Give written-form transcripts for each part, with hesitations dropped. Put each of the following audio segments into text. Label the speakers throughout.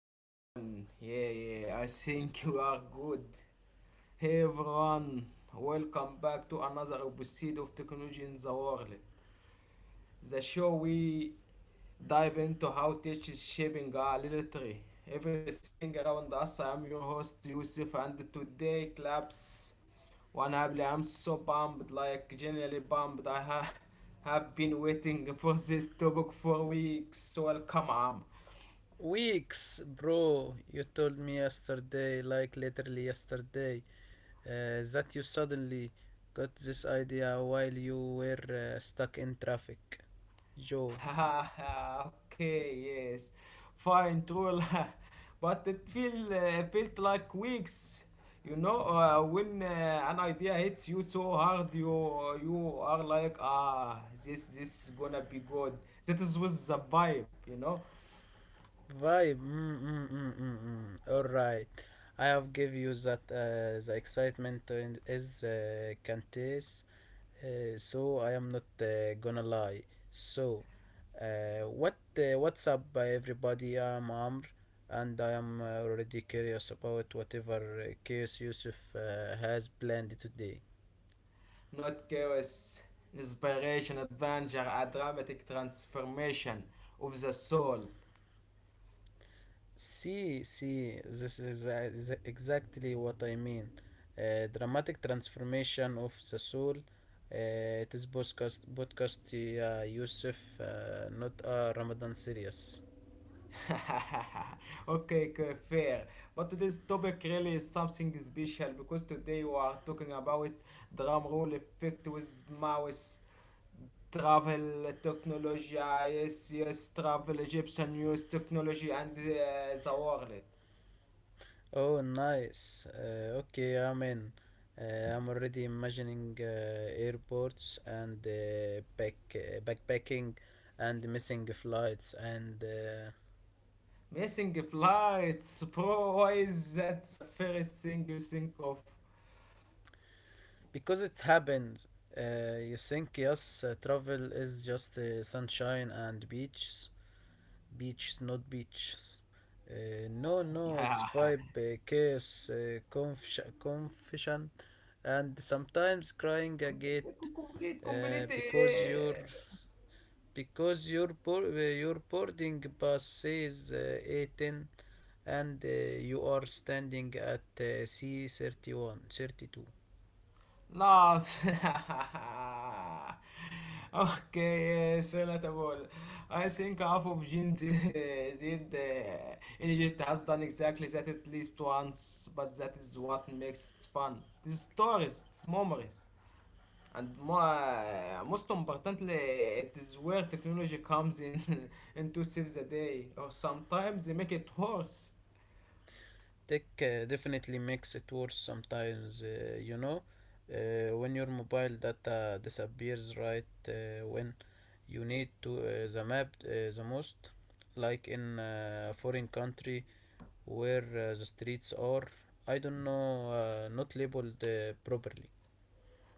Speaker 1: thing on? Yeah, yeah, I think you are good. Hey everyone, welcome back to another episode of Technology in the World. The show we dive into how tech is shaping our literary. Everything around us, I am your host Yusuf, and today claps one happily. I'm so pumped, like genuinely pumped. Have been waiting for this topic for weeks. So, Welcome, Am.
Speaker 2: Weeks, bro. You told me yesterday, like literally yesterday, that you suddenly got this idea while you were stuck in traffic. Joe.
Speaker 1: Okay, yes, fine, true. But it feel felt like weeks. When an idea hits you so hard, you are like, ah, this is gonna be good. That is was the vibe,
Speaker 2: Vibe. Mm. All right. I have give you that the excitement and is Cantes. So I am not gonna lie. So, what's up, everybody? I'm Amr, and I am already curious about whatever chaos Yusuf has planned today.
Speaker 1: not chaos, inspiration, adventure, a dramatic transformation of the soul.
Speaker 2: See, this is exactly what I mean. Dramatic transformation of the soul. It is podcast, Yusuf, not a Ramadan series.
Speaker 1: Okay, okay, fair. But today's topic really is something special because today we are talking about drum roll effect with mouse travel technology. Yes, yes, travel Egyptian news technology and the world.
Speaker 2: Oh, nice. Okay, I'm in. I'm already imagining airports and backpacking and missing flights and
Speaker 1: Missing flights, bro. Why is that the first thing you think of?
Speaker 2: because it happens, you think yes, travel is just sunshine and beaches, not beaches. No, no, it's vibe, chaos, confusion, and sometimes crying a gate
Speaker 1: Complete, complete.
Speaker 2: because your
Speaker 1: Eh,
Speaker 2: your boarding bus says 18 and you are standing at c 31, 32.
Speaker 1: no, okay, yes, relatable. I think half of Gen Z, Z, in Egypt has done exactly that at least once, but that is what makes it fun. These stories, these memories. And mo Most importantly, it is where technology comes in and to save the day, or sometimes they make it worse.
Speaker 2: Tech definitely makes it worse sometimes, you know, when your mobile data disappears right when you need to the map the most, like in a foreign country where the streets are, I don't know, not labeled properly.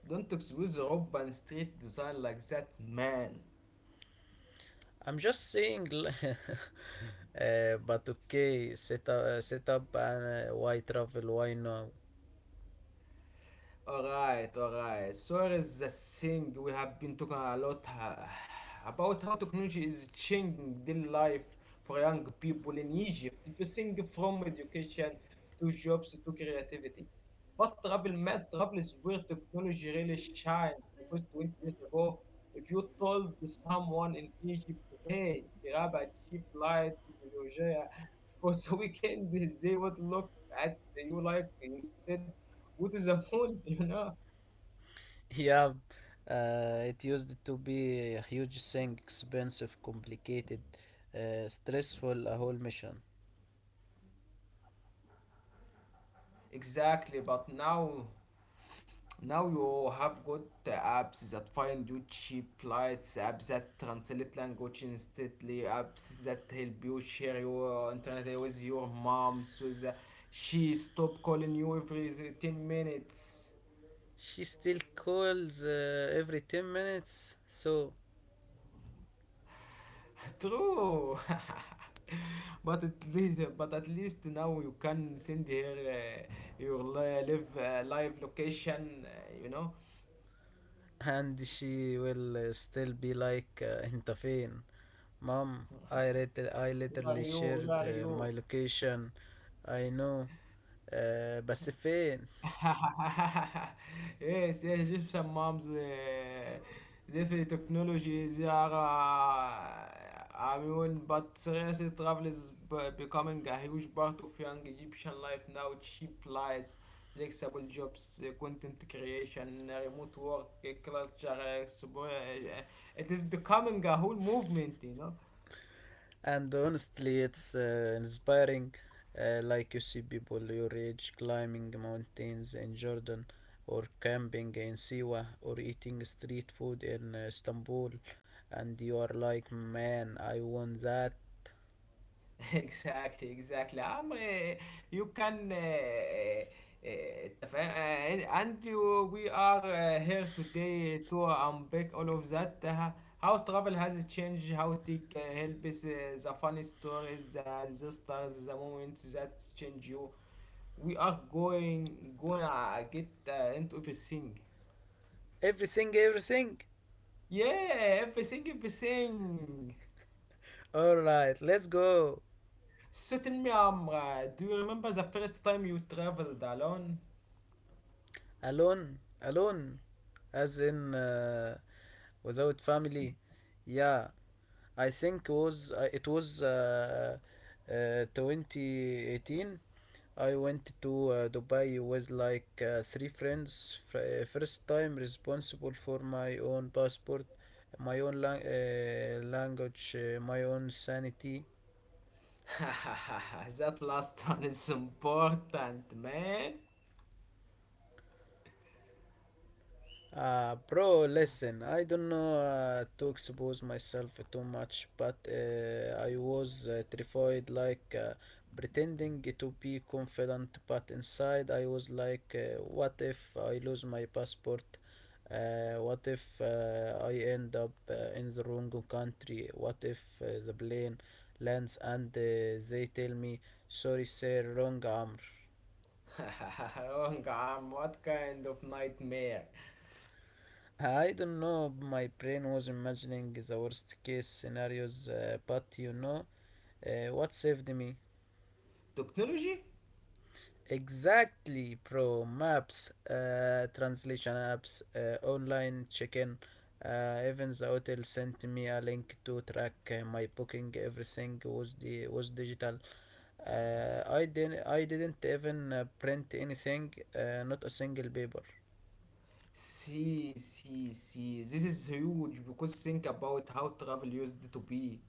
Speaker 1: Don't excuse urban street design like that, man.
Speaker 2: I'm just saying, but okay, set up, and why travel? Why now?
Speaker 1: Alright, alright. So here is the thing. We have been talking a lot about how technology is changing the life for young people in Egypt. Everything from education to jobs to creativity. But travel, mad travel is where technology really shines because 20 years ago, if you told someone in Egypt, hey, grab a cheap flight to Georgia for the weekend, they would look at you like you said go to the mall, you know.
Speaker 2: Yeah, it used to be a huge thing, expensive, complicated, stressful, a whole mission.
Speaker 1: Exactly, but now, now you have got the apps that find you cheap flights, apps that translate language instantly, apps that help you share your internet with your mom so that she stop calling you every 10 minutes.
Speaker 2: She still calls every 10 minutes, so.
Speaker 1: True. But at least, but at least now you can send her your live location, you know.
Speaker 2: and she will still be like, Inta fin? Mom, I
Speaker 1: Where are
Speaker 2: literally
Speaker 1: you? Where
Speaker 2: shared
Speaker 1: are you?
Speaker 2: my location. I know. بس فين.
Speaker 1: Yes, yes, just some moms. Definitely technology they are. I mean, but seriously, travel is becoming a huge part of young Egyptian life now. Cheap flights, flexible jobs, content creation, remote work, culture. Uh, it is becoming a whole movement, you know.
Speaker 2: And honestly, it's inspiring, like you see people your age climbing mountains in Jordan or camping in Siwa or eating street food in Istanbul, and you are like, man, I want that.
Speaker 1: Exactly, exactly, Am, you can تفا- and you, we are here today to unpack all of that, how travel has changed, how tech helps, the funny stories, the disasters, the moments that change you. We are going gonna get into everything.
Speaker 2: Everything, everything.
Speaker 1: Yeah, everything, everything.
Speaker 2: All right, let's go.
Speaker 1: So tell me Amra, do you remember the first time you traveled alone?
Speaker 2: Alone, alone, as in without family. Yeah, I think was it was 2018. I went to Dubai with like three friends. First time responsible for my own passport, my own language, my own sanity.
Speaker 1: That last one is important, man.
Speaker 2: Bro, listen, I don't know to expose myself too much, but I was terrified, like pretending to be confident, but inside I was like, what if I lose my passport? What if I end up in the wrong country? What if the plane lands and they tell me, sorry, sir, wrong arm?
Speaker 1: Wrong arm, what kind of nightmare?
Speaker 2: I don't know. My brain was imagining the worst case scenarios, but you know, what saved me?
Speaker 1: Technology?
Speaker 2: Exactly, pro maps, translation apps, online check-in. Even the hotel sent me a link to track my booking. Everything was digital. I didn't even print anything. Not a single paper.
Speaker 1: See, see, see, this is huge because think about how travel used to be.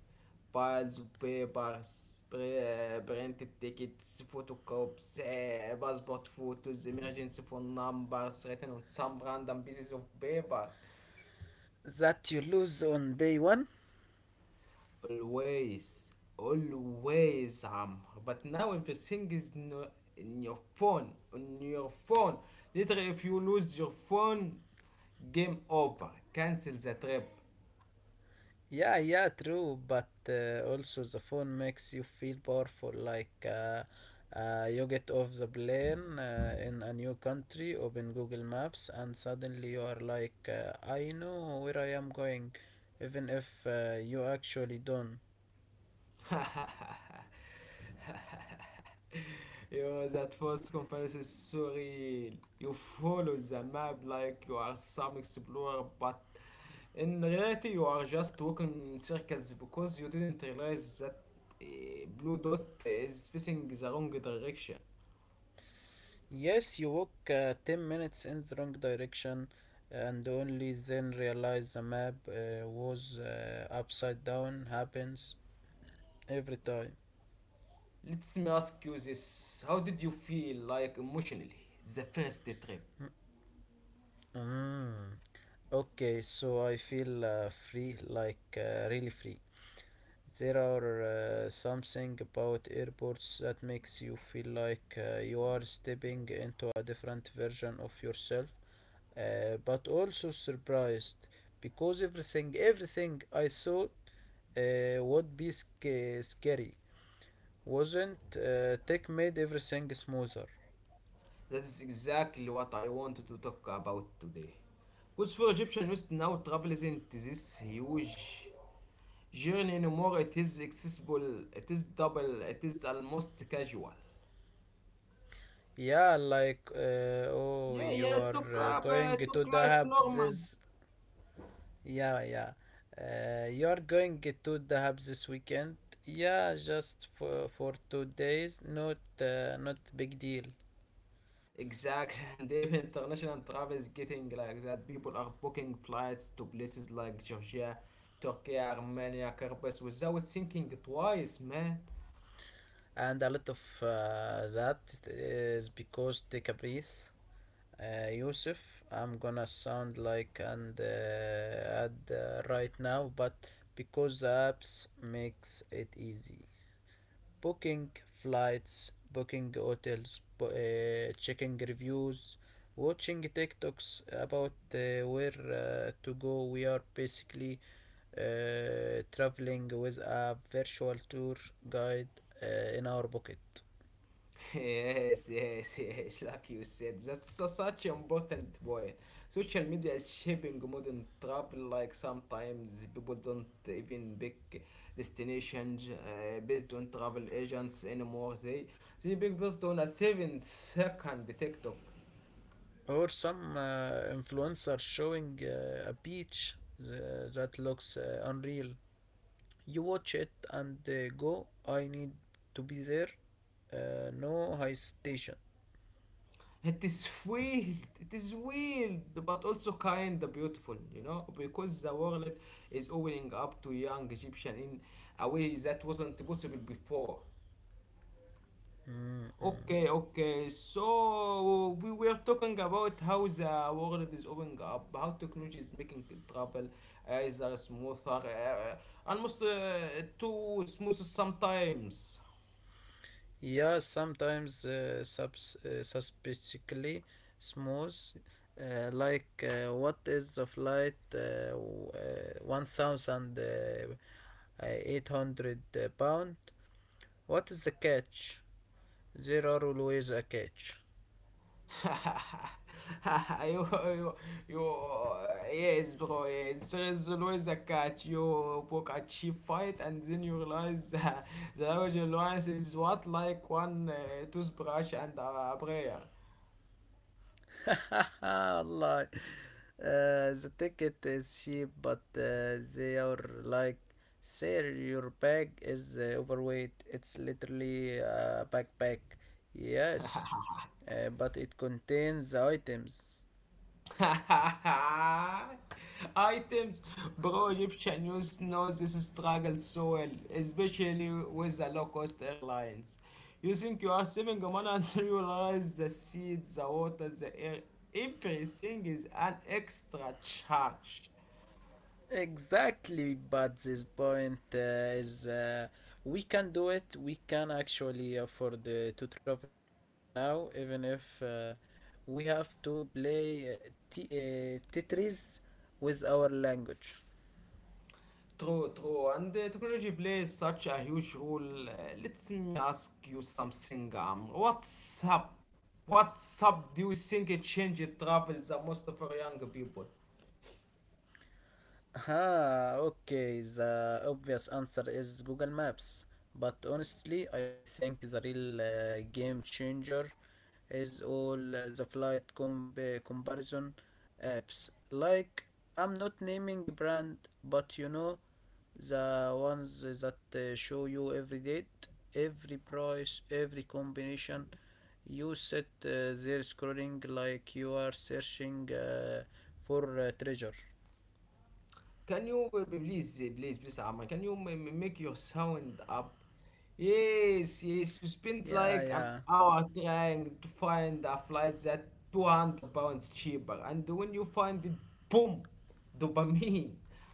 Speaker 1: Piles of papers, printed tickets, photocopies, eh, passport photos, emergency phone numbers written on some random pieces of paper.
Speaker 2: That you lose on day one.
Speaker 1: Always, always, but now everything is in your phone, on your phone. Literally if you lose your phone, game over, cancel the trip.
Speaker 2: Yeah, yeah, true. But also, the phone makes you feel powerful. Like you get off the plane in a new country, open Google Maps, and suddenly you are like, I know where I am going, even if you actually don't.
Speaker 1: Yo, that false comparison is so real. You follow the map like you are some explorer, but in reality, you are just walking in circles because you didn't realize that eh, blue dot is facing the wrong direction.
Speaker 2: Yes, you walk 10 minutes in the wrong direction and only then realize the map was upside down. Happens every time.
Speaker 1: Let me ask you this: how did you feel, like emotionally, the first trip?
Speaker 2: Mm. Okay, so I feel free, like really free. There are something about airports that makes you feel like you are stepping into a different version of yourself, but also surprised because everything I thought would be scary wasn't. Tech made everything smoother.
Speaker 1: That is exactly what I wanted to talk about today. Because for Egyptian youth now, travel isn't this huge journey anymore, it is accessible, it is double, it is almost casual.
Speaker 2: Yeah, like oh,
Speaker 1: Yeah,
Speaker 2: you
Speaker 1: yeah,
Speaker 2: are
Speaker 1: took up,
Speaker 2: going to
Speaker 1: took
Speaker 2: the
Speaker 1: like normal.
Speaker 2: hubs. Yeah, yeah. You're going to the hub this weekend? Yeah, just for 2 days. Not not big deal.
Speaker 1: Exactly, and even international travel is getting like that. People are booking flights to places like Georgia, Turkey, Armenia, Cyprus without thinking twice, man.
Speaker 2: And a lot of that is because take a breath. Yusuf, I'm gonna sound like an ad right now, but because the apps makes it easy. Booking flights, booking hotels, checking reviews, watching TikToks about where to go. We are basically traveling with a virtual tour guide in our pocket.
Speaker 1: Yes, yes, yes, like you said, that's such an important point. Social media is shaping modern travel, like sometimes people don't even pick destinations based on travel agents anymore. They pick based on a 7 second TikTok.
Speaker 2: Or some influencer showing a beach that looks unreal. You watch it and go, I need to be there. No hesitation.
Speaker 1: It is weird, it is weird, but also kind of beautiful, you know, because the world is opening up to young Egyptian in a way that wasn't possible before.
Speaker 2: Mm, mm.
Speaker 1: Okay, okay. So we were talking about how the world is opening up, how technology is making travel either smoother, almost too smooth sometimes.
Speaker 2: Yeah, sometimes subs suspiciously smooth, like what is the flight 1000 uh, pound? What is the catch? There are always a catch.
Speaker 1: you, you, you, yes, bro. Yes, there is always a catch. You book a cheap fight, and then you realize the language alliance is what like one toothbrush and a prayer.
Speaker 2: Allah. The ticket is cheap, but they are like, sir, your bag is overweight. It's literally a backpack. Yes, but it contains the items.
Speaker 1: Items, bro, Egyptian news knows this struggle so well, especially with the low cost airlines. You think you are saving money until you realize the seed, the water, the air, everything is an extra charge.
Speaker 2: Exactly, but this point is we can do it. We can actually afford to travel now, even if we have to play Tetris with our language.
Speaker 1: True, true, and technology plays such a huge role. Let me ask you something, what's up? What's up? Do you think it changed travel the most for young people?
Speaker 2: Ah, okay. The obvious answer is Google Maps. But honestly, I think the real game changer is all the flight comparison apps. Like, I'm not naming brand, but you know, the ones that show you every date, every price, every combination. You sit there scrolling like you are searching for treasure.
Speaker 1: Can you please, please, please, Amma, can you make your sound up? Yes, yes, you spent like
Speaker 2: Yeah,
Speaker 1: an
Speaker 2: yeah.
Speaker 1: hour trying to find a flight that 200 pounds cheaper, and when you find it, boom, dopamine.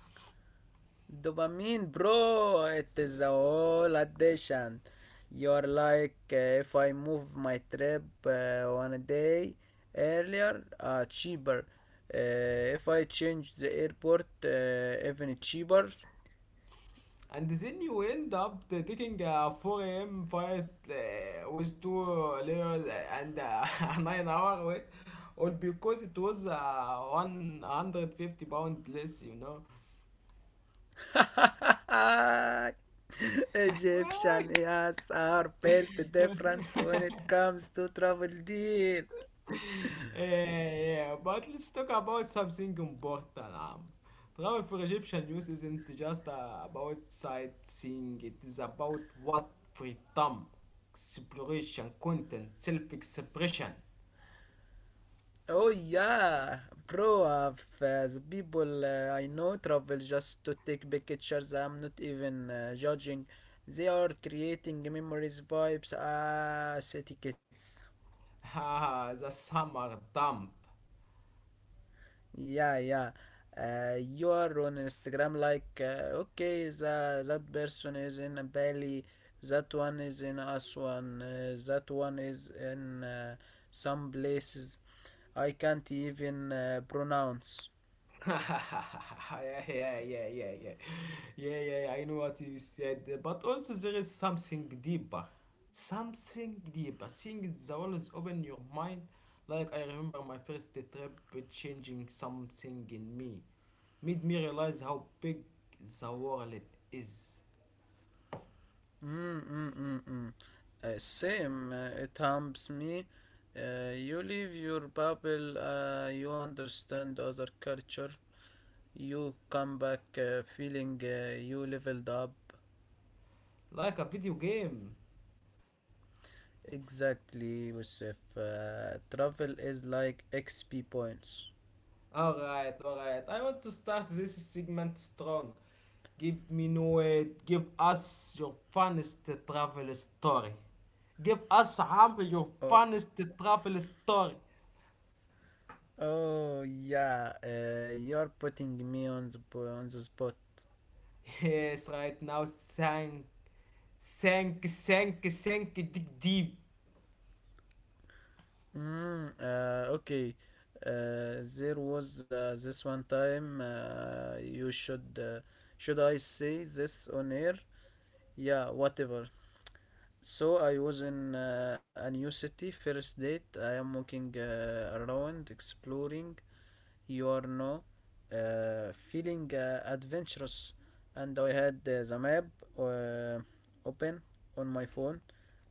Speaker 2: Dopamine, bro. It is a whole addiction. You're like, if I move my trip one day earlier, cheaper. Uh, if I change the airport, even cheaper.
Speaker 1: And then you end up taking a 4 a.m. flight with two layers and a 9-hour wait, all because it was 150 pounds less, you know.
Speaker 2: Egyptian yes are built different when it comes to travel deal.
Speaker 1: Yeah, yeah, but let's talk about something important. Travel for Egyptian news isn't just about sightseeing, it is about what freedom, exploration, content, self expression.
Speaker 2: Oh yeah, bro. The people I know travel just to take pictures. I'm not even judging. They are creating memories, vibes, ah, aesthetics.
Speaker 1: Ah, the summer dump.
Speaker 2: Yeah, yeah. You are on Instagram like, okay, that person is in Bali, that one is in Aswan, that one is in some places I can't even pronounce.
Speaker 1: Yeah, yeah, yeah, yeah, yeah, yeah, yeah. I know what you said, but also there is something deeper, something deeper. Seeing the always open your mind. Like I remember my first trip, it changing something in me, made me realize how big the world is.
Speaker 2: Mm, mm, mm, mm. Same, it humps me. You leave your bubble, you understand other culture. You come back feeling you leveled up.
Speaker 1: Like a video game.
Speaker 2: Exactly, Yusuf. Travel is like XP points.
Speaker 1: Alright, alright. I want to start this segment strong. Give me no it. Give us your funniest travel story. Give us Amr your
Speaker 2: Oh,
Speaker 1: funniest travel story.
Speaker 2: oh, yeah, you're putting me on the, on the spot.
Speaker 1: Yes, right now sank, sank, sank, sank dig deep.
Speaker 2: Mm, okay. There was this one time. You should Should I say this on air? Yeah, whatever. So I was in a new city. First date. I am walking around, exploring. You are no, feeling adventurous, and I had the map uh, open on my phone,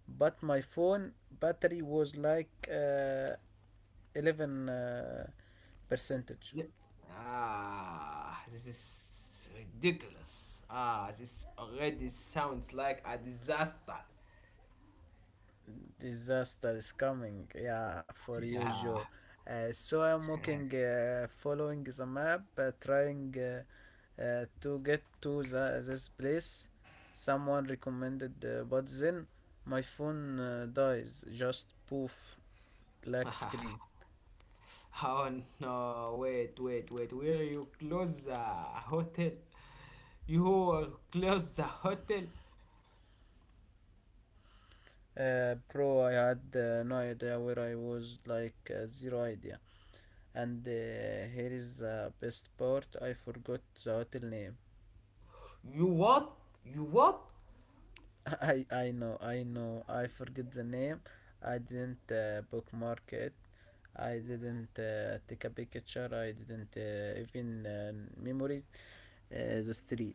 Speaker 2: but my phone battery was like. 11 percentage.
Speaker 1: Yeah. Ah, this is ridiculous. Ah, this already sounds like a disaster.
Speaker 2: Disaster is coming. Yeah, for you,
Speaker 1: Yeah.
Speaker 2: Joe. So I'm walking, following the map, trying to get to this place. Someone recommended the but then my phone dies. Just poof, black screen.
Speaker 1: Oh no, wait, wait, wait. Will you close the hotel? You will close the hotel?
Speaker 2: Bro, I had no idea where I was, like zero idea. And here is the best part. I forgot the hotel name.
Speaker 1: You what? You what?
Speaker 2: I know, I know. I forget the name. I didn't bookmark it. I didn't take a picture. I didn't even memorize the street.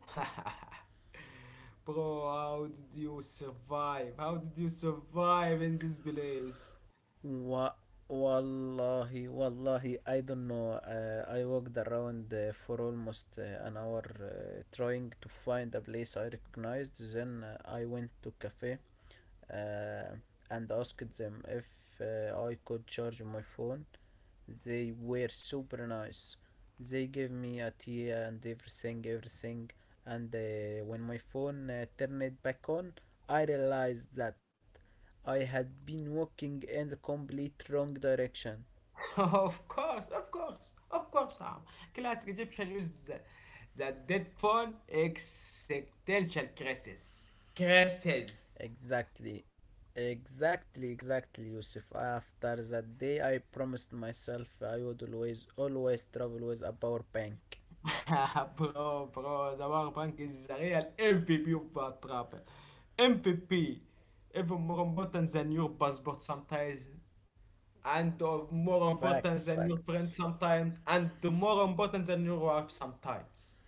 Speaker 1: Bro, how did you survive? How did you survive in this place?
Speaker 2: Wa- wallahi, I don't know. I walked around for almost an hour trying to find a place I recognized. Then I went to cafe uh, and asked them if I could charge my phone. They were super nice. They gave me a tea and everything. And when my phone turned back on, I realized that I had been walking in the complete wrong direction.
Speaker 1: Of course, of course, of course, Sam. Classic Egyptian used the dead phone existential crisis. Crisis.
Speaker 2: Exactly. Exactly, Yusuf. After that day, I promised myself I would always travel with a power bank.
Speaker 1: Bro, bro, Sabara Punk is a real MPP of bad trapper. MVP. Even more important than your passport sometimes. And of more
Speaker 2: Facts,
Speaker 1: important than your friend
Speaker 2: facts.
Speaker 1: sometimes. And more important than your wife sometimes.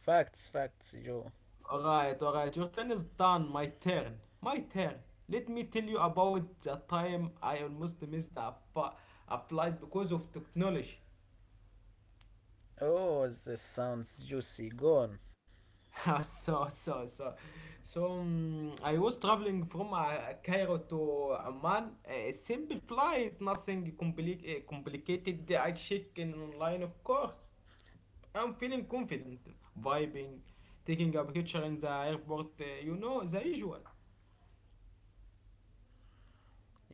Speaker 2: Facts, facts, Joe.
Speaker 1: Alright, alright, your turn is done. My turn. My turn. Let me tell you about the time I almost missed the apply because of technology.
Speaker 2: Oh, this sounds juicy. Go on.
Speaker 1: so so so I was traveling from Cairo to Amman. A simple flight, nothing complicated. I check in online, of course. I'm feeling confident, vibing, taking a picture in the airport. You know the usual.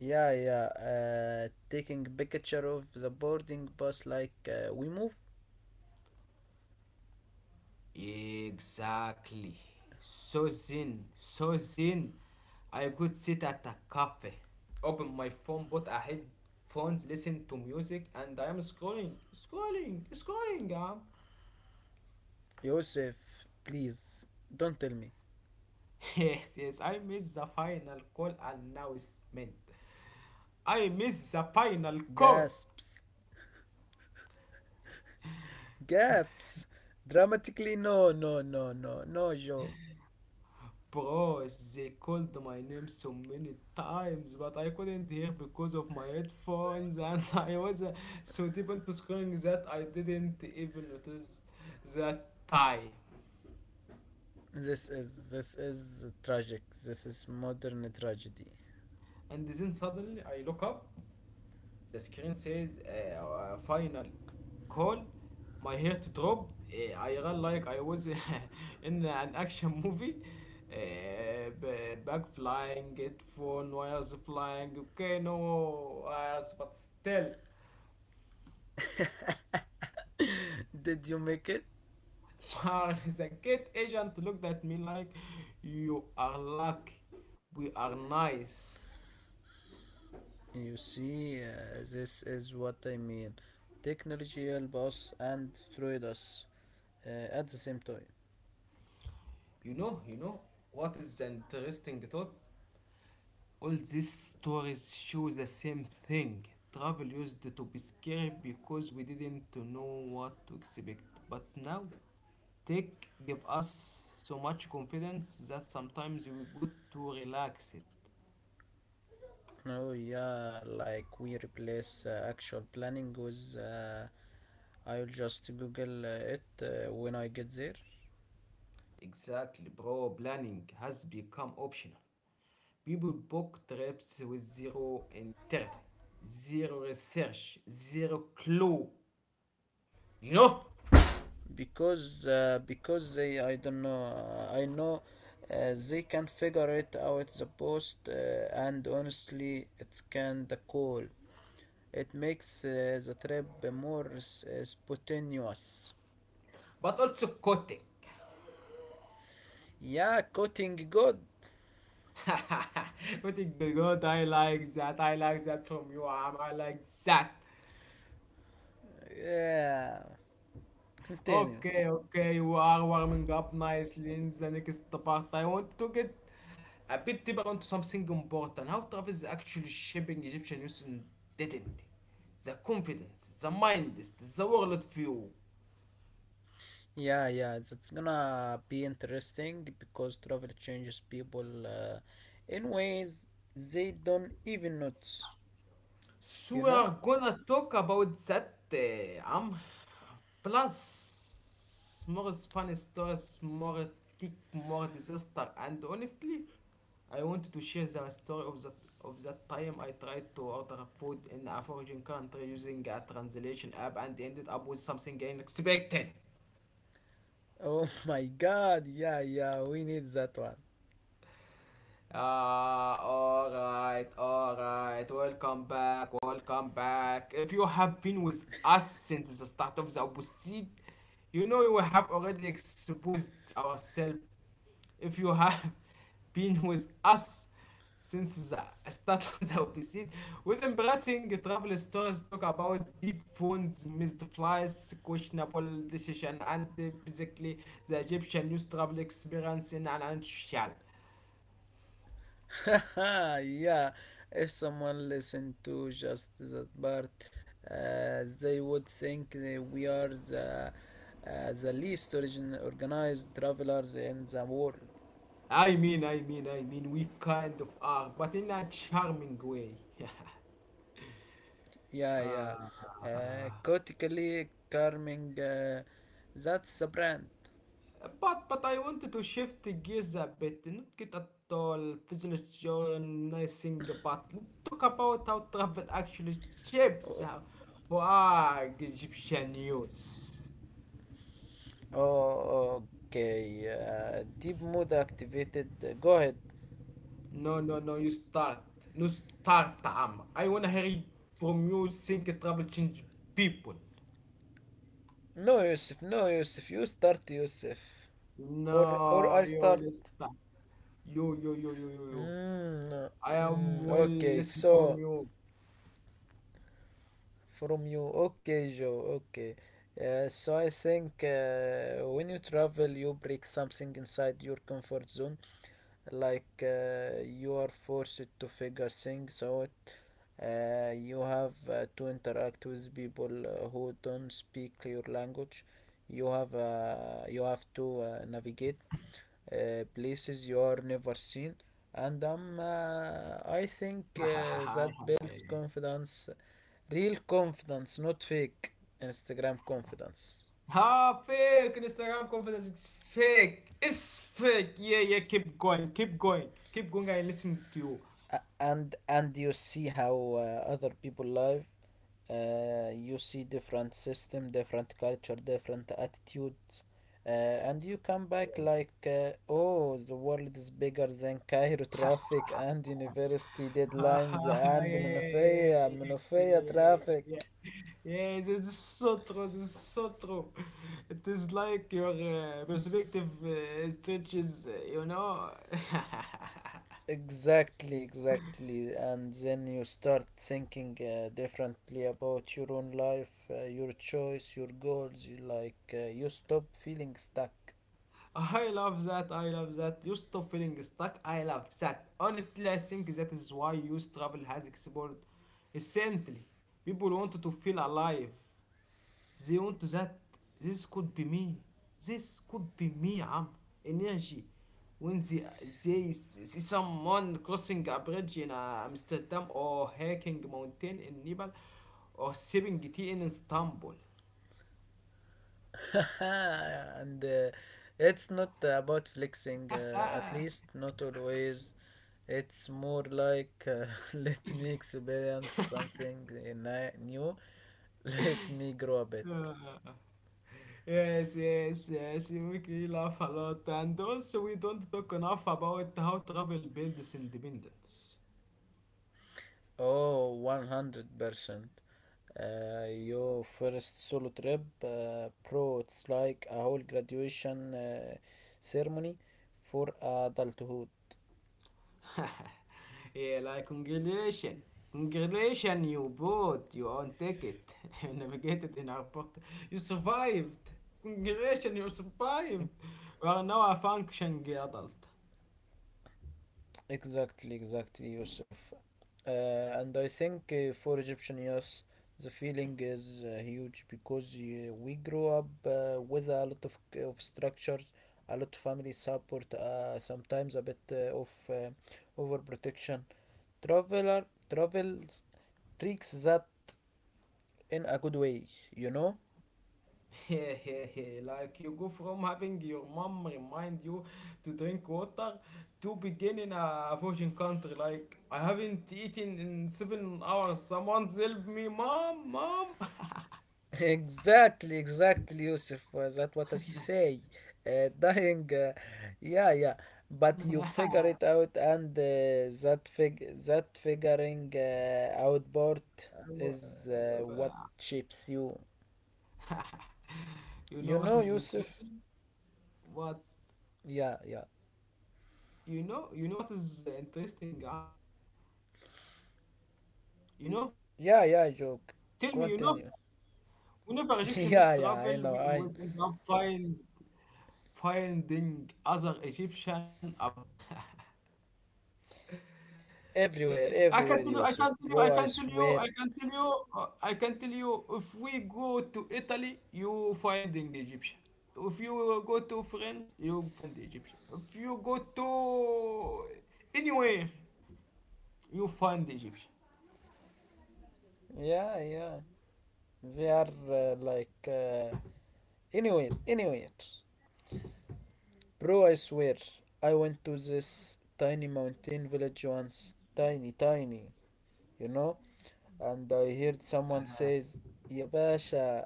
Speaker 2: Yeah, yeah. Taking picture of the boarding bus like we move.
Speaker 1: Exactly. So zen, so zen. I could sit at a cafe, open my phone, put a headphones, listen to music, and I am scrolling, scrolling, scrolling.
Speaker 2: Yusuf, please, don't tell me.
Speaker 1: Yes, yes, I miss the final call announcement. I miss the final call.
Speaker 2: Gasps, gaps dramatically. No, no, no, no, no. Yo,
Speaker 1: Bro, they called my name so many times, but I couldn't hear because of my headphones, and I was so deep into scrolling that I didn't even notice that time.
Speaker 2: this is tragic. This is modern tragedy.
Speaker 1: And then suddenly I look up, the screen says final call. My heart dropped. I ran like I was in an action movie. Bag flying, headphone wires flying. Okay, no wires, but still.
Speaker 2: Did you make it?
Speaker 1: Far is a gate agent looked at me like, you are lucky. We are nice.
Speaker 2: You see this is what I mean. Technology helped us and destroyed us at the same time.
Speaker 1: You know, what is the interesting thought? All these stories show the same thing. Travel used to be scary because we didn't know what to expect. But now, tech gave us so much confidence that sometimes we got to relax it.
Speaker 2: Oh yeah, like we replace actual planning with I'll just Google it when I get there.
Speaker 1: Exactly, bro. Planning has become optional. People book trips with zero integrity, zero research, zero clue, you know?
Speaker 2: Because they, I don't know, I know they can figure it out the post and honestly it's kinda cool. It makes the trip more spontaneous.
Speaker 1: But also Kotick.
Speaker 2: Yeah, cutting good.
Speaker 1: Kotick good. I like that. I like that from you, Am. I like that.
Speaker 2: Yeah, continue.
Speaker 1: Okay, okay, you are warming up nicely in the next part. I want to get a bit deeper onto something important. How travel is actually shaping Egyptian youth identity, the confidence, the mindset, the world view.
Speaker 2: Yeah, yeah, that's gonna be interesting because travel changes people in ways they don't even notice, you know?
Speaker 1: So we are gonna talk about that, plus more is funny stories, more tick, more disaster, and honestly, I wanted to share the story of that time I tried to order food in a foreign country using a translation app and ended up with something unexpected.
Speaker 2: Oh my god, yeah, yeah, we need that one.
Speaker 1: Ah, alright, alright. Welcome back, welcome back. If you have been with us since the start of the episode, you know we have already exposed ourselves. If you have been with us since the start of the episode, with embracing travel stories, talk about dead phones, missed flights, questionable decision, and basically the Egyptian news travel experience in an nutshell.
Speaker 2: Yeah, if someone listened to just that part, they would think that we are the least organized travelers in the world.
Speaker 1: I mean, we kind of are, but in a charming way.
Speaker 2: Yeah,
Speaker 1: uh,
Speaker 2: yeah. Cotically Carming, that's the brand.
Speaker 1: but I wanted to shift gears a bit, not get at all physiologizing, but let's talk about how travel actually shapes
Speaker 2: Oh,
Speaker 1: our Wag Egyptian news.
Speaker 2: oh, okay. Deep mood activated. Go ahead.
Speaker 1: No, no, no, you start. No, start, Amr. I wanna hear it from you think travel change people.
Speaker 2: No, Yusuf. No, Yusuf. You start, Yusuf. Or
Speaker 1: No,
Speaker 2: or I
Speaker 1: you will
Speaker 2: start.
Speaker 1: start. You.
Speaker 2: No.
Speaker 1: I am well
Speaker 2: Okay.
Speaker 1: listening from
Speaker 2: So
Speaker 1: you.
Speaker 2: from you. Okay, Joe. Okay. So I think when you travel, you break something inside your comfort zone. Like you are forced to figure things out. You have to interact with people who don't speak your language. You have to navigate places you are never seen, and I think
Speaker 1: Hi, hi,
Speaker 2: that
Speaker 1: hi.
Speaker 2: builds confidence, real confidence, not fake Instagram confidence.
Speaker 1: Ha, fake Instagram confidence is fake. It's fake. Yeah, yeah. Keep going. Keep going. Keep going. I listen to you.
Speaker 2: A- and and you see how other people live, you see different system, different culture, different attitudes, and you come back like oh, the world is bigger than Cairo traffic and university
Speaker 1: Ha,
Speaker 2: deadlines
Speaker 1: ha, ha,
Speaker 2: and Monofea
Speaker 1: yeah, yeah, yeah,
Speaker 2: Monofea
Speaker 1: yeah, yeah, yeah.
Speaker 2: traffic.
Speaker 1: yeah, yeah. Yeah, this is so true. This is so true. It is like your perspective stretches. You know.
Speaker 2: Exactly, exactly, and then you start thinking differently about your own life, your choice, your goals. You like, you stop feeling stuck.
Speaker 1: I love that. I love that. You stop feeling stuck. I love that. Honestly, I think that is why youth travel has exploded. Essentially, people want to feel alive. They want that. This could be me. This could be me. I'm energy. When they see someone crossing a bridge in Amsterdam or hiking mountain in Nepal or sipping tea in Istanbul.
Speaker 2: And it's not about flexing, at
Speaker 1: Ah.
Speaker 2: least not always. It's more like, let me experience something new, let me grow a bit.
Speaker 1: Yes, yes, yes, you make me laugh a lot. And also, we don't talk enough about how travel builds independence.
Speaker 2: Oh, 100%. Your first solo trip, it's like a whole graduation ceremony for adulthood.
Speaker 1: Yeah, like congratulation. Congratulation, you bought your own ticket. You navigated in airport. You survived. Congratulations, you survived. You are now a functioning adult.
Speaker 2: Exactly, exactly, Yusuf. Uh, and I think for Egyptian youth, the feeling is huge because we grew up with a lot of structures, a lot of family support, sometimes a bit of overprotection. Traveler travels tricks that in a good way, you know?
Speaker 1: Like you go from having your mom remind you to drink water to begin in a virgin country like I haven't eaten in 7 hours. Someone help me, mom, mom.
Speaker 2: Exactly, exactly, Yusuf. That what I say. Dying, yeah, yeah. But you figure it out, and that figuring out part is what shapes you. You
Speaker 1: You
Speaker 2: know,
Speaker 1: know what is
Speaker 2: Yusuf.
Speaker 1: interesting? What
Speaker 2: Yeah, yeah,
Speaker 1: you know? You know what is interesting, Am? You know?
Speaker 2: yeah, yeah.
Speaker 1: Tell me,
Speaker 2: Joke.
Speaker 1: you know?
Speaker 2: Continue.
Speaker 1: Whenever Egyptian used to
Speaker 2: Yeah,
Speaker 1: travel,
Speaker 2: yeah.
Speaker 1: we
Speaker 2: I know.
Speaker 1: always
Speaker 2: I
Speaker 1: end up finding other Egyptian abroad.
Speaker 2: everywhere, everywhere,
Speaker 1: I can tell you,
Speaker 2: Yusuf,
Speaker 1: I can tell
Speaker 2: bro.
Speaker 1: you,
Speaker 2: I
Speaker 1: I can tell
Speaker 2: swear.
Speaker 1: you, I can tell you, I can tell you, if we go to Italy, you find an Egyptian. If you go to France, you find Egyptian. If you go to anywhere, you find Egyptian.
Speaker 2: Yeah, yeah. They are like anywhere, anywhere. Bro, I swear, I went to this tiny mountain village once, tiny, tiny, you know, and I heard someone says, يا باشا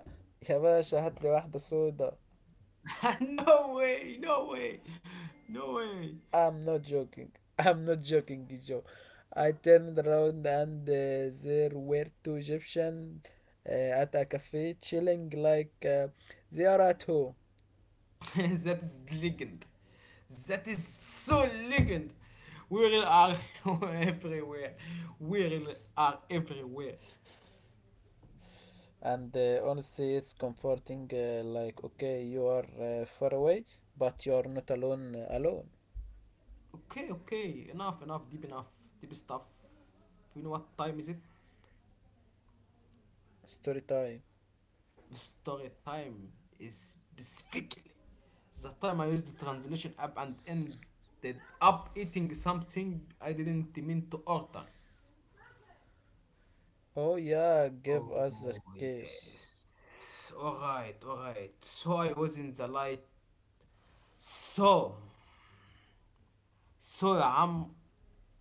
Speaker 2: يا باشا هات لي واحدة سودا.
Speaker 1: no way, no way, no way.
Speaker 2: I'm not joking. I'm not joking, Joe. I turned around and there were two Egyptians uh, at a cafe chilling like they are at home.
Speaker 1: That is legend. That is so legend. We really are everywhere. We really are everywhere.
Speaker 2: And honestly, it's comforting, like okay, you are far away but you are not alone. Alone.
Speaker 1: Okay, okay. Enough, enough. Deep enough. Deep stuff. You know what time is it?
Speaker 2: Story time.
Speaker 1: Story time is specifically the time I used the translation app and ended up eating something I didn't mean to order.
Speaker 2: Oh yeah, give us the
Speaker 1: Oh,
Speaker 2: case.
Speaker 1: yes. Alright, alright. So I was in the light. So, so I'm.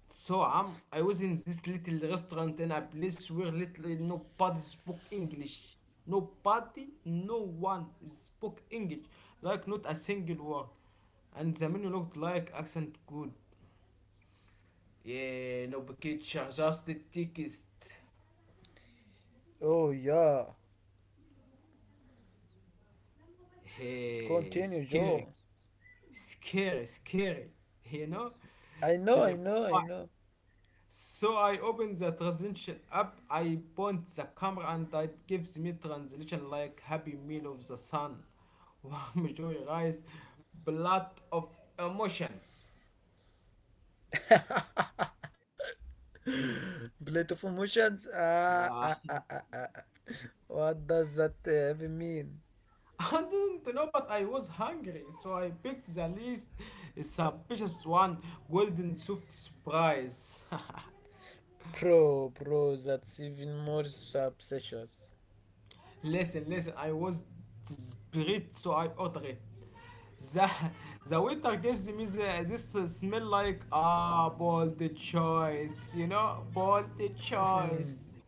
Speaker 1: So I was in this little restaurant in a place where literally nobody spoke English. Nobody, no one spoke English. Like not a single word. And the menu looked like accent good. Yeah, no picture, just the tickets.
Speaker 2: Oh yeah,
Speaker 1: Hey,
Speaker 2: continue, Joe.
Speaker 1: scary. You know,
Speaker 2: i know i
Speaker 1: terrifying.
Speaker 2: know i know
Speaker 1: So I open the transition app, I point the camera and it gives me translation like happy meal of the sun. Warm joy rise, blood of emotions.
Speaker 2: Plate of emotions. Ah,
Speaker 1: Ah,
Speaker 2: ah, ah, ah, ah, ah. What does that even mean?
Speaker 1: I do not know, but I was hungry, so I picked the least suspicious one, golden soft surprise.
Speaker 2: Bro, bro, that's even more suspicious.
Speaker 1: Listen, I was desperate, so I ordered it. The, the waiter gives me the, this smell like, ah, bold choice, you know, bold choice.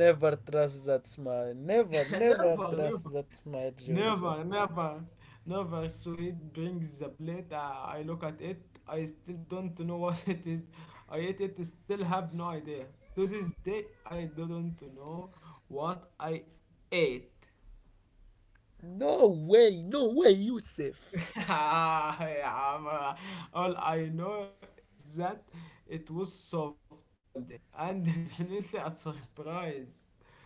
Speaker 2: Never trust that smile, never, never
Speaker 1: never, never,
Speaker 2: trust that smile, Jose.
Speaker 1: never, never, never. So he brings the plate. I look at it. I still don't know what it is. I ate it, still have no idea. To this day, I don't know what I ate.
Speaker 2: No way, no way, Yusuf.
Speaker 1: Ah, yeah, ma- all I know is that it was soft golden and definitely a surprise.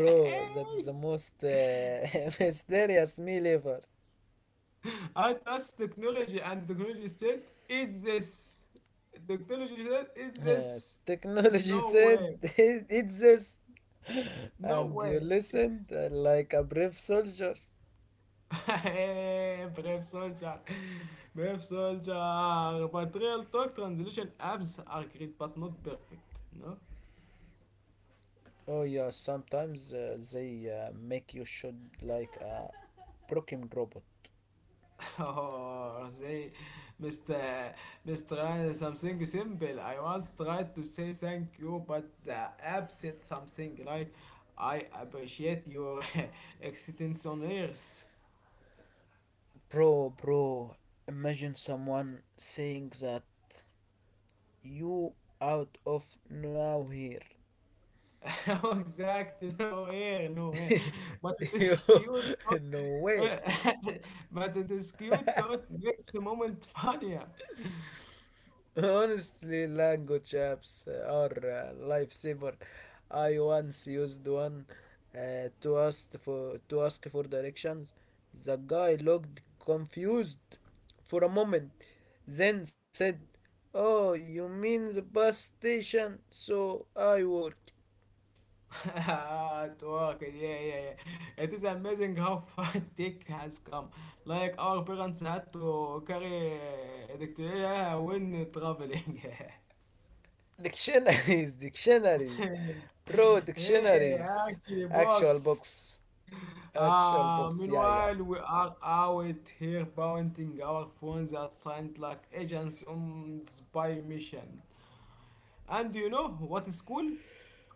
Speaker 2: Bro, that's the most mysterious meal ever.
Speaker 1: I trust technology and technology said it's this. Technology said it's this.
Speaker 2: Uh,
Speaker 1: No
Speaker 2: Technology
Speaker 1: way.
Speaker 2: said it's.
Speaker 1: No
Speaker 2: And
Speaker 1: way.
Speaker 2: you listened like a brave soldier.
Speaker 1: Hey, brave soldier. Brave soldier. But real talk translation apps are great but not perfect. No?
Speaker 2: Oh yeah, sometimes they make you shoot like a broken robot.
Speaker 1: Oh, say, Mr. Mr. Ryan, something simple. I once tried to say thank you, but the app said something like, I appreciate your existence on Earth.
Speaker 2: Bro, bro, imagine someone saying that you out of now here.
Speaker 1: Oh, exactly, no air, no air. But it
Speaker 2: Yo,
Speaker 1: is
Speaker 2: no way.
Speaker 1: but it is cute, thought makes the moment funnier.
Speaker 2: Honestly, language apps are a lifesaver. I once used one to ask for directions. The guy looked confused for a moment, then said, "Oh, you mean the bus station?" So I worked.
Speaker 1: At work, yeah, yeah, yeah. It is amazing how far tech has come. Like our parents had to carry electricity when traveling.
Speaker 2: Dictionaries, dictionaries, pro
Speaker 1: Hey,
Speaker 2: dictionaries,
Speaker 1: actually,
Speaker 2: actual
Speaker 1: box.
Speaker 2: books, actual
Speaker 1: Ah,
Speaker 2: books. Yeah,
Speaker 1: meanwhile,
Speaker 2: yeah.
Speaker 1: we are out here pointing our phones at signs like agents on spy mission. And you know what is cool?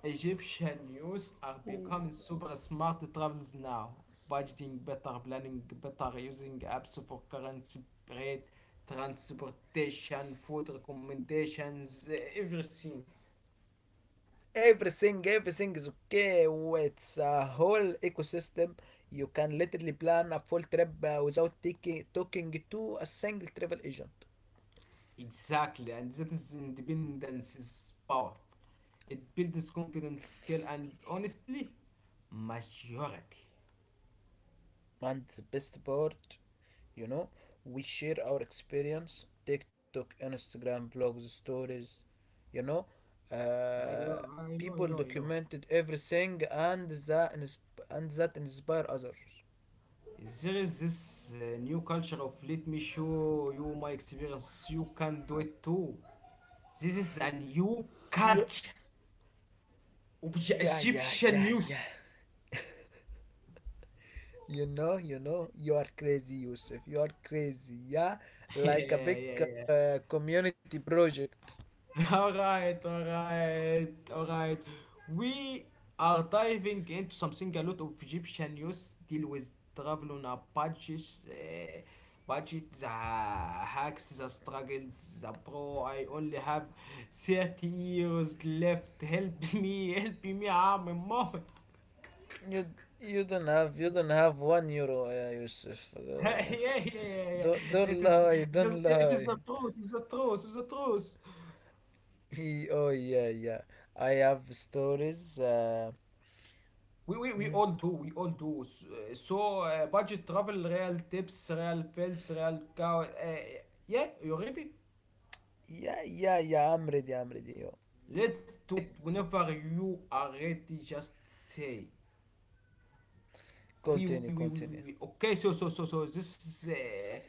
Speaker 1: Egyptian youth are becoming super smart travelers now, budgeting better, planning better, using apps for currency rate, transportation, food recommendations, everything.
Speaker 2: Everything, everything is okay. It's a whole ecosystem. You can literally plan a full trip without taking talking to a single travel agent.
Speaker 1: Exactly, and that is independence is powerful. It builds confidence, skill, and honestly, majority.
Speaker 2: And the best part, you know, we share our experience, TikTok, Instagram, vlogs, stories, you know,
Speaker 1: I
Speaker 2: uh,
Speaker 1: know, I know, I
Speaker 2: people
Speaker 1: know, I know.
Speaker 2: documented everything, and that inspire others.
Speaker 1: There is this new culture of let me show you my experience, you can do it too. This is a new
Speaker 2: Yeah,
Speaker 1: culture of J-
Speaker 2: yeah, yeah, yeah,
Speaker 1: Egyptian
Speaker 2: yeah.
Speaker 1: news.
Speaker 2: You know, you know, you are crazy, Yusuf. You are crazy. Yeah, like a
Speaker 1: yeah,
Speaker 2: big
Speaker 1: yeah, yeah.
Speaker 2: community project.
Speaker 1: all right, all right, all right. We are diving into something a lot of Egyptian news deal with travel on a budget, uh, budget, the hacks, the struggles, the pro. I only have 30 years left. Help me, I'm a mom.
Speaker 2: You you don't have, you don't have €1, Yusuf.
Speaker 1: yeah,
Speaker 2: Uh,
Speaker 1: yeah, yeah, yeah.
Speaker 2: don't
Speaker 1: It
Speaker 2: don't
Speaker 1: is
Speaker 2: lie,
Speaker 1: it's just,
Speaker 2: don't
Speaker 1: it is
Speaker 2: lie.
Speaker 1: the truth, it's the truth, it's the truth.
Speaker 2: E- oh yeah, yeah. I have stories. Mm.
Speaker 1: We all do, we all do. So, budget travel, real tips, real fails, real cow. Yeah, you ready?
Speaker 2: Yeah, yeah, yeah. I'm ready. I'm ready. Yo.
Speaker 1: Let to it whenever you are ready. Just say, we,
Speaker 2: Continue,
Speaker 1: we, we, we,
Speaker 2: continue.
Speaker 1: we, we, we. Okay, so this is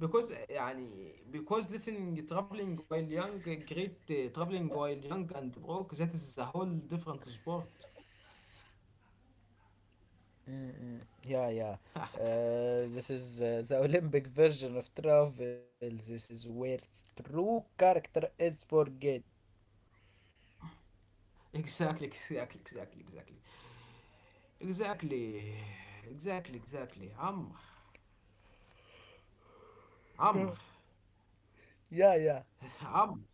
Speaker 1: because, يعني, because listening, traveling while young, great traveling while young and broke. That is a whole different sport.
Speaker 2: Mm-mm. Yeah, yeah. This is the Olympic version of travel. This is where true character is forget.
Speaker 1: Exactly, exactly, exactly, exactly, exactly, exactly. عم
Speaker 2: Yeah,
Speaker 1: عم
Speaker 2: yeah, yeah.
Speaker 1: عم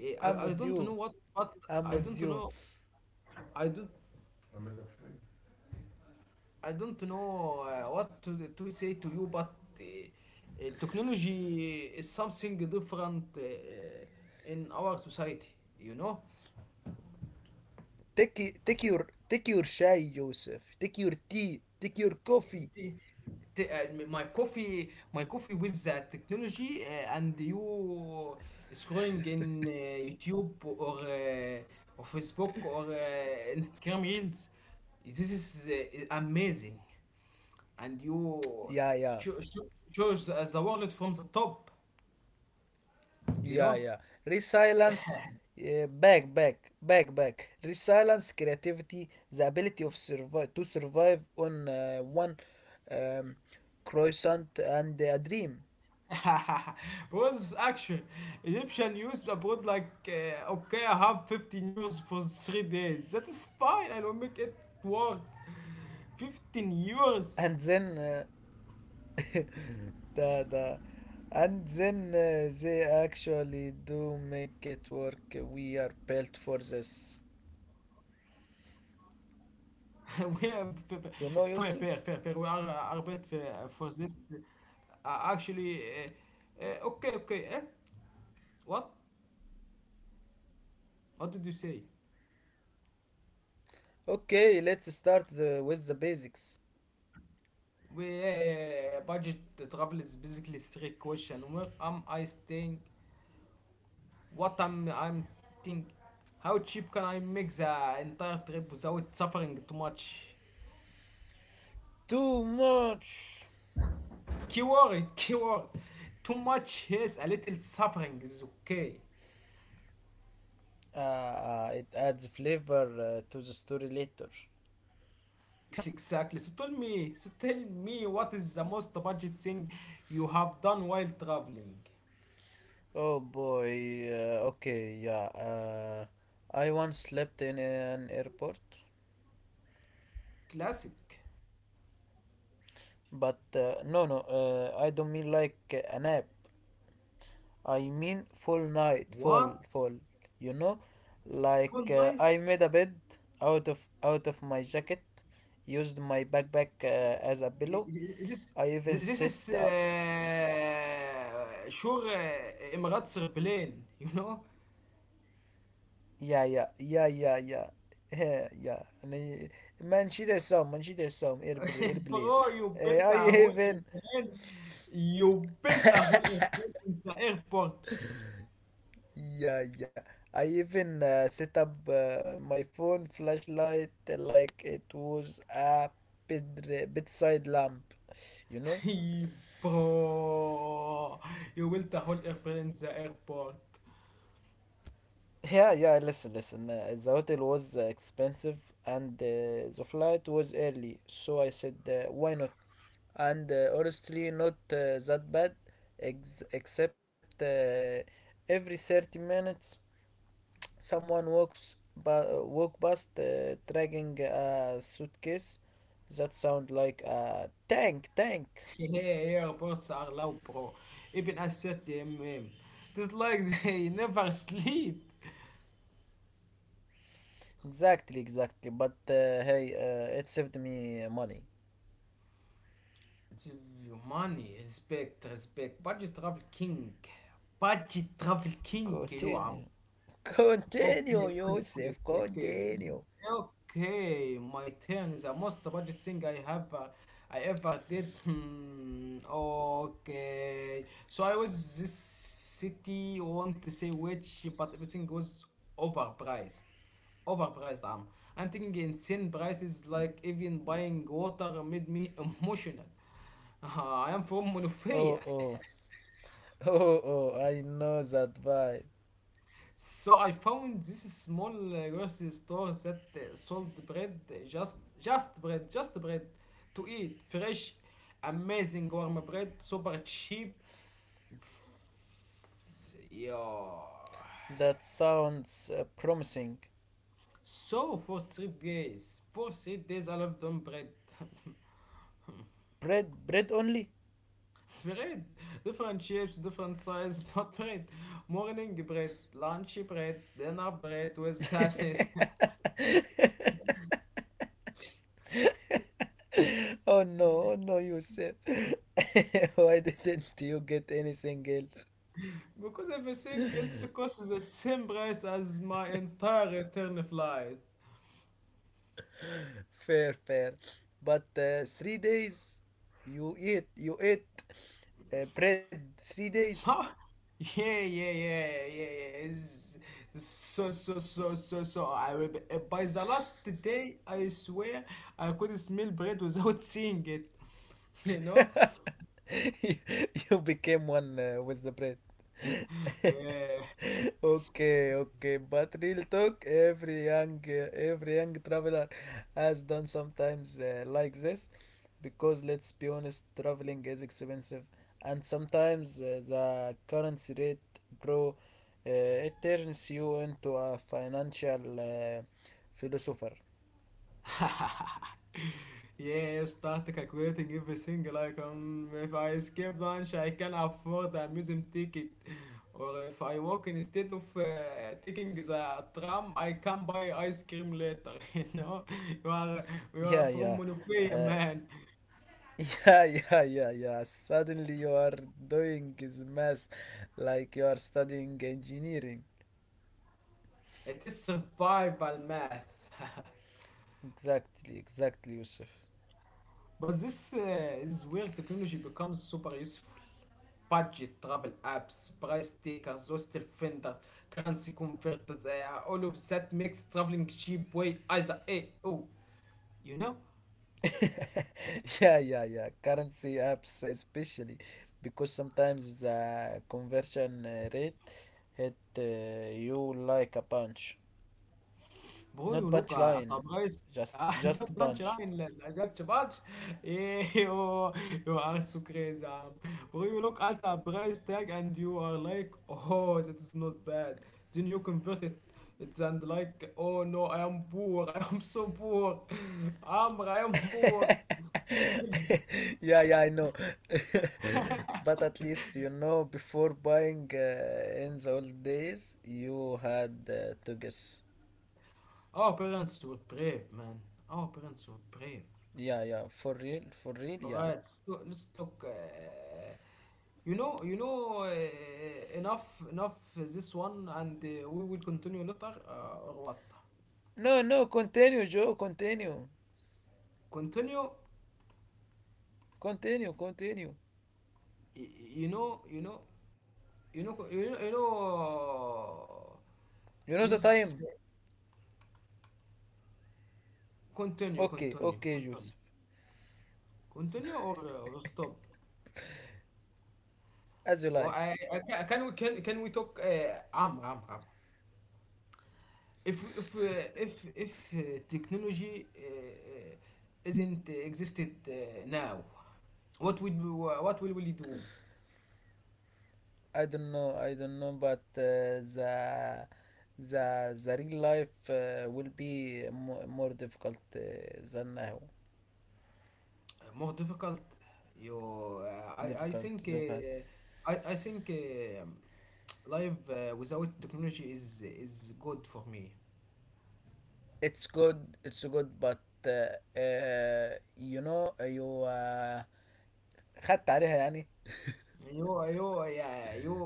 Speaker 2: I'm with
Speaker 1: I
Speaker 2: you.
Speaker 1: don't know what but
Speaker 2: I'm with
Speaker 1: I
Speaker 2: you.
Speaker 1: don't know I don't I don't know what to say to you but technology is something different in our society you know.
Speaker 2: Take take your, take your shy, Joseph. Take your tea. Take your coffee.
Speaker 1: The- the- uh, my coffee my coffee with the technology and you scrolling in YouTube or or Facebook or Instagram reels this is amazing and you
Speaker 2: Yeah,
Speaker 1: cho-
Speaker 2: yeah.
Speaker 1: cho- choose the wallet from the top, you know?
Speaker 2: Yeah, yeah. Resilience, back, back, back, back. Resilience, creativity, the ability of survive to survive on one um, croissant and a dream.
Speaker 1: Because actually, Egyptian used abroad like, okay, I have €15 for 3 days. That is fine, I will make it work. 15
Speaker 2: And
Speaker 1: euros.
Speaker 2: then the the, and then they actually do make it work. We are built for this.
Speaker 1: we are f- f-
Speaker 2: You know,
Speaker 1: fair, fair,
Speaker 2: Yusuf.
Speaker 1: fair, fair. We are best for this. Actually, okay, okay. Eh? What? What did you say?
Speaker 2: Okay, let's start with the basics.
Speaker 1: We, yeah. Budget travel is basically strict question. Where am I staying? What am I'm think? How cheap can I make the entire trip without suffering too much?
Speaker 2: Too much.
Speaker 1: Keyword, keyword. Too much yes, a little suffering is okay.
Speaker 2: It adds flavor to the story later.
Speaker 1: Exactly, exactly. So tell me, what is the most budget thing you have done while traveling?
Speaker 2: Oh boy, okay, yeah. I once slept in an airport,
Speaker 1: Classic.
Speaker 2: but I don't mean like a nap. I mean full night,
Speaker 1: What?
Speaker 2: full, full. You know,
Speaker 1: Full
Speaker 2: like
Speaker 1: night?
Speaker 2: I made a bed out of my jacket, used my backpack as a pillow.
Speaker 1: This,
Speaker 2: I
Speaker 1: this
Speaker 2: even
Speaker 1: is
Speaker 2: sit,
Speaker 1: sure Emirates airplane, you know?
Speaker 2: yeah, yeah, yeah, yeah, yeah. He, yeah. Yani ben she desem, bilir, bilir.
Speaker 1: Bro, you built
Speaker 2: Eh, I
Speaker 1: a whole
Speaker 2: even,
Speaker 1: airplane. You built a whole airplane in the airport.
Speaker 2: yeah, yeah. I even set up my phone flashlight like it was a bed bedside lamp, you know?
Speaker 1: Bro, you built a whole airplane in the airport.
Speaker 2: Yeah, yeah, listen, listen. The hotel was expensive and the flight was early, so I said, why not? And honestly, not that bad, ex except every 30 minutes someone walk past dragging a suitcase. That sound like a tank, tank.
Speaker 1: Yeah, airports are loud, bro. Even at 30 mm. It is like they never sleep.
Speaker 2: Exactly, exactly. But hey, it saved me money.
Speaker 1: Humano, respeito, respeito, budget travel king é eu amo
Speaker 2: Continue.
Speaker 1: Okay,
Speaker 2: Continue,
Speaker 1: okay, okay, okay,
Speaker 2: Yosef.
Speaker 1: okay.
Speaker 2: Continue.
Speaker 1: Okay, my turn is the most budget thing I have I ever did. Hmm, okay. So I was this city want to say which but everything was overpriced. Overpriced I'm thinking insane prices like even buying water made me emotional. I am from Monofia.
Speaker 2: Oh, oh. Oh, oh. I know that vibe.
Speaker 1: So I found this small grocery store that sold bread, just bread, just bread to eat, fresh, amazing warm bread, super cheap. It's- Yeah.
Speaker 2: That sounds promising.
Speaker 1: So for 3 days, for 3 days I lived on bread.
Speaker 2: Bread, bread only?
Speaker 1: Bread, different shapes, different size, but bread. Morning bread, lunch bread, dinner bread with sadness.
Speaker 2: Oh no, oh no, Yosef. Why didn't you get anything else?
Speaker 1: Because everything else costs the same price as my entire return flight.
Speaker 2: Fair, fair. But 3 days you eat, you ate bread 3 days.
Speaker 1: Huh? Yeah. It's- So. I will be, by the last day, I swear, I could smell bread without seeing it. You know?
Speaker 2: you, you became one with the bread.
Speaker 1: Yeah.
Speaker 2: Okay, okay. But real talk, every young traveler has done sometimes like this, because let's be honest, traveling is expensive, and sometimes the currency rate, bro, it turns you into a financial philosopher.
Speaker 1: Yeah, start calculating every single icon. If I skip lunch, I can afford a museum ticket. Or if I walk instead of taking the tram, I can buy ice cream later. You know, you are
Speaker 2: Yeah,
Speaker 1: you are
Speaker 2: yeah.
Speaker 1: from
Speaker 2: uh,
Speaker 1: Monofia, man.
Speaker 2: Yeah, yeah, yeah, yeah. Suddenly you are doing this math like you are studying engineering.
Speaker 1: It is survival math.
Speaker 2: Exactly, exactly, Yusuf.
Speaker 1: But this is where technology becomes super useful. Budget, travel apps, price takers, hostel vendors, currency converters, all of that makes traveling cheap way either A, oh, you know?
Speaker 2: Yeah, yeah, yeah. Currency apps, especially because sometimes the conversion rate hit you like a punch. Not
Speaker 1: Bro, you look
Speaker 2: punchline,
Speaker 1: at a price. Ah,
Speaker 2: just
Speaker 1: not
Speaker 2: punch.
Speaker 1: bunch line, like just bunch. Yeah, you are so crazy. Bro, you look at a price tag and you are like, oh, that is not bad. Then you convert it. It's and like, oh no, I am poor. I am so poor. Amr, I am poor.
Speaker 2: Yeah, yeah, I know. But at least you know before buying. In the old days, you had to guess.
Speaker 1: Our parents were brave, man. Our parents were brave.
Speaker 2: Yeah, yeah, for real, yeah.
Speaker 1: Alright, so let's talk. Enough, enough this one, and we will continue later, or what?
Speaker 2: No, no, continue, Joe, continue.
Speaker 1: Continue.
Speaker 2: Continue, continue.
Speaker 1: Y- You know, you know, you know, you know, you know.
Speaker 2: You know the
Speaker 1: This
Speaker 2: time?
Speaker 1: continue,
Speaker 2: Okay,
Speaker 1: continue,
Speaker 2: okay, Joseph.
Speaker 1: continue, continue, or stop.
Speaker 2: As you
Speaker 1: But I,
Speaker 2: like.
Speaker 1: ca- can we talk? عمرو عمرو عمرو if technology isn't existed now what will we do.
Speaker 2: I don't know, but the real life will be mo more difficult than now.
Speaker 1: More difficult you I think
Speaker 2: Difficult to
Speaker 1: uh,
Speaker 2: look at.
Speaker 1: i i think life without technology is good for me.
Speaker 2: It's good, but you know you خدت عليها يعني,
Speaker 1: you you yeah you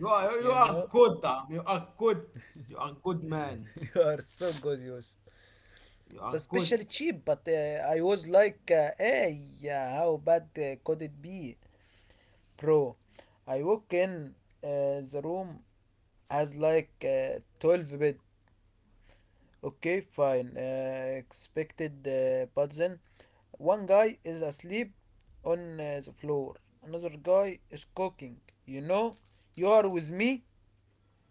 Speaker 1: you are you
Speaker 2: you
Speaker 1: are
Speaker 2: know,
Speaker 1: good you are good. You are good man.
Speaker 2: you are so good. You
Speaker 1: You
Speaker 2: it's
Speaker 1: are good.
Speaker 2: especially cheap, but I was like, hey, yeah, how bad could it be, bro? I walk in the room has like 12 bed. Okay, fine. Expected, but then one guy is asleep on the floor. Another guy is cooking. You know, you are with me,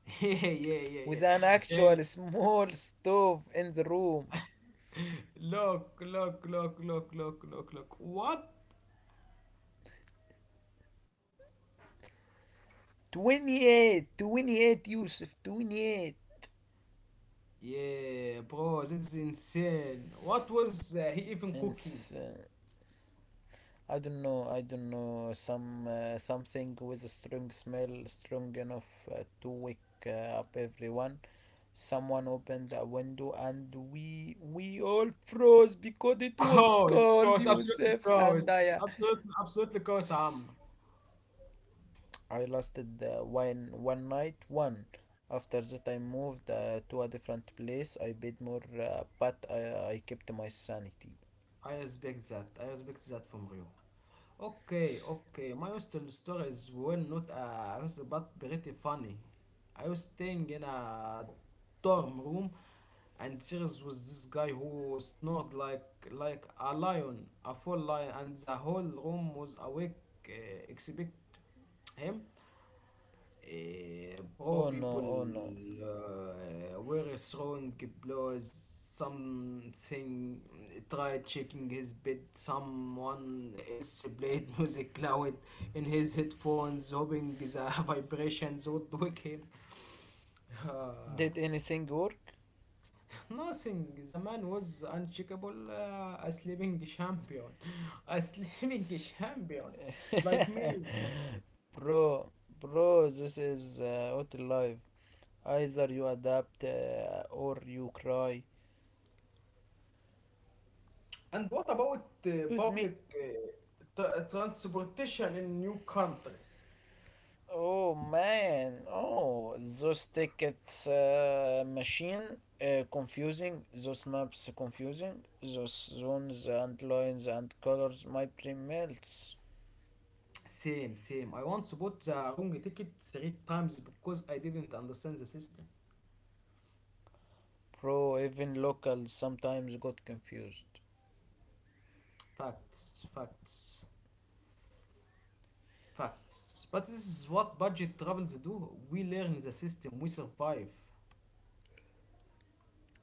Speaker 1: yeah yeah yeah yeah
Speaker 2: with an
Speaker 1: yeah.
Speaker 2: actual small stove in the room.
Speaker 1: Look. What?
Speaker 2: 28, 28, Yusuf, 28.
Speaker 1: Yeah, bro, that is insane. What was he even
Speaker 2: And
Speaker 1: cooking?
Speaker 2: uh, I don't know. I don't know. Some something with a strong smell, strong enough to wake up everyone. Someone opened a window, and we all froze because it was
Speaker 1: Course,
Speaker 2: cold.
Speaker 1: absolutely
Speaker 2: Yusuf
Speaker 1: course.
Speaker 2: and I.
Speaker 1: Absolutely, absolutely course, Am.
Speaker 2: I lasted one night. One after that, I moved to a different place. I paid more, but I kept my sanity.
Speaker 1: I respect that. I respect that from you. Okay, okay. My hostel stories were not but pretty funny. I was staying in a dorm room, and serious was this guy who snored like a lion, a full lion, and the whole room was awake, uh, except him. Poor
Speaker 2: Oh no!
Speaker 1: people
Speaker 2: Oh no!
Speaker 1: were throwing blows. Something tried shaking his bed. Someone else played music loud in his headphones, hoping the vibrations would wake him. Uh,
Speaker 2: Did anything work?
Speaker 1: nothing. The man was unshakable, a sleeping champion, a sleeping champion, like me.
Speaker 2: Bro, bro, this is what life. Either you adapt or you cry.
Speaker 1: And what about
Speaker 2: Use me.
Speaker 1: public transportation in new countries?
Speaker 2: Oh man, oh, those tickets machine, confusing, those maps confusing, those zones and lines and colors, my brain melts.
Speaker 1: Same, same. I once bought the wrong ticket three times because I didn't understand the system.
Speaker 2: Bro, even locals sometimes got confused.
Speaker 1: Facts, facts, facts. But this is what budget travels do. We learn the system, we survive.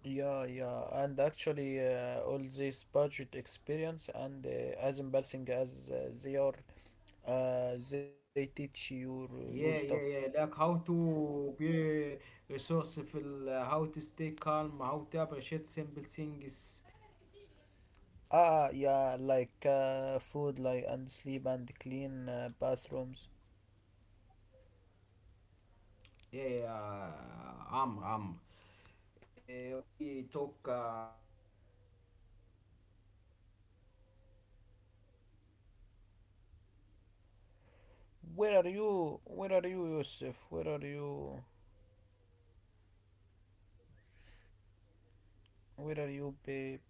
Speaker 2: Yeah, yeah, and actually, all this budget experience and, as embarrassing as they are, they teach you
Speaker 1: Yeah,
Speaker 2: stuff.
Speaker 1: yeah, yeah. Like how to be resourceful, how to stay calm, how to appreciate simple things.
Speaker 2: Ah, ah, yeah, like food, like, and sleep and clean bathrooms.
Speaker 1: Yeah, um, um, we talk a lot about technology in the world, travel with travel.
Speaker 2: Where are you? Where are you,
Speaker 1: We can
Speaker 2: Yusuf? Where
Speaker 1: end
Speaker 2: are you?
Speaker 1: this now and talk talk uh, talk
Speaker 2: Where are you,
Speaker 1: later
Speaker 2: babe?
Speaker 1: with you.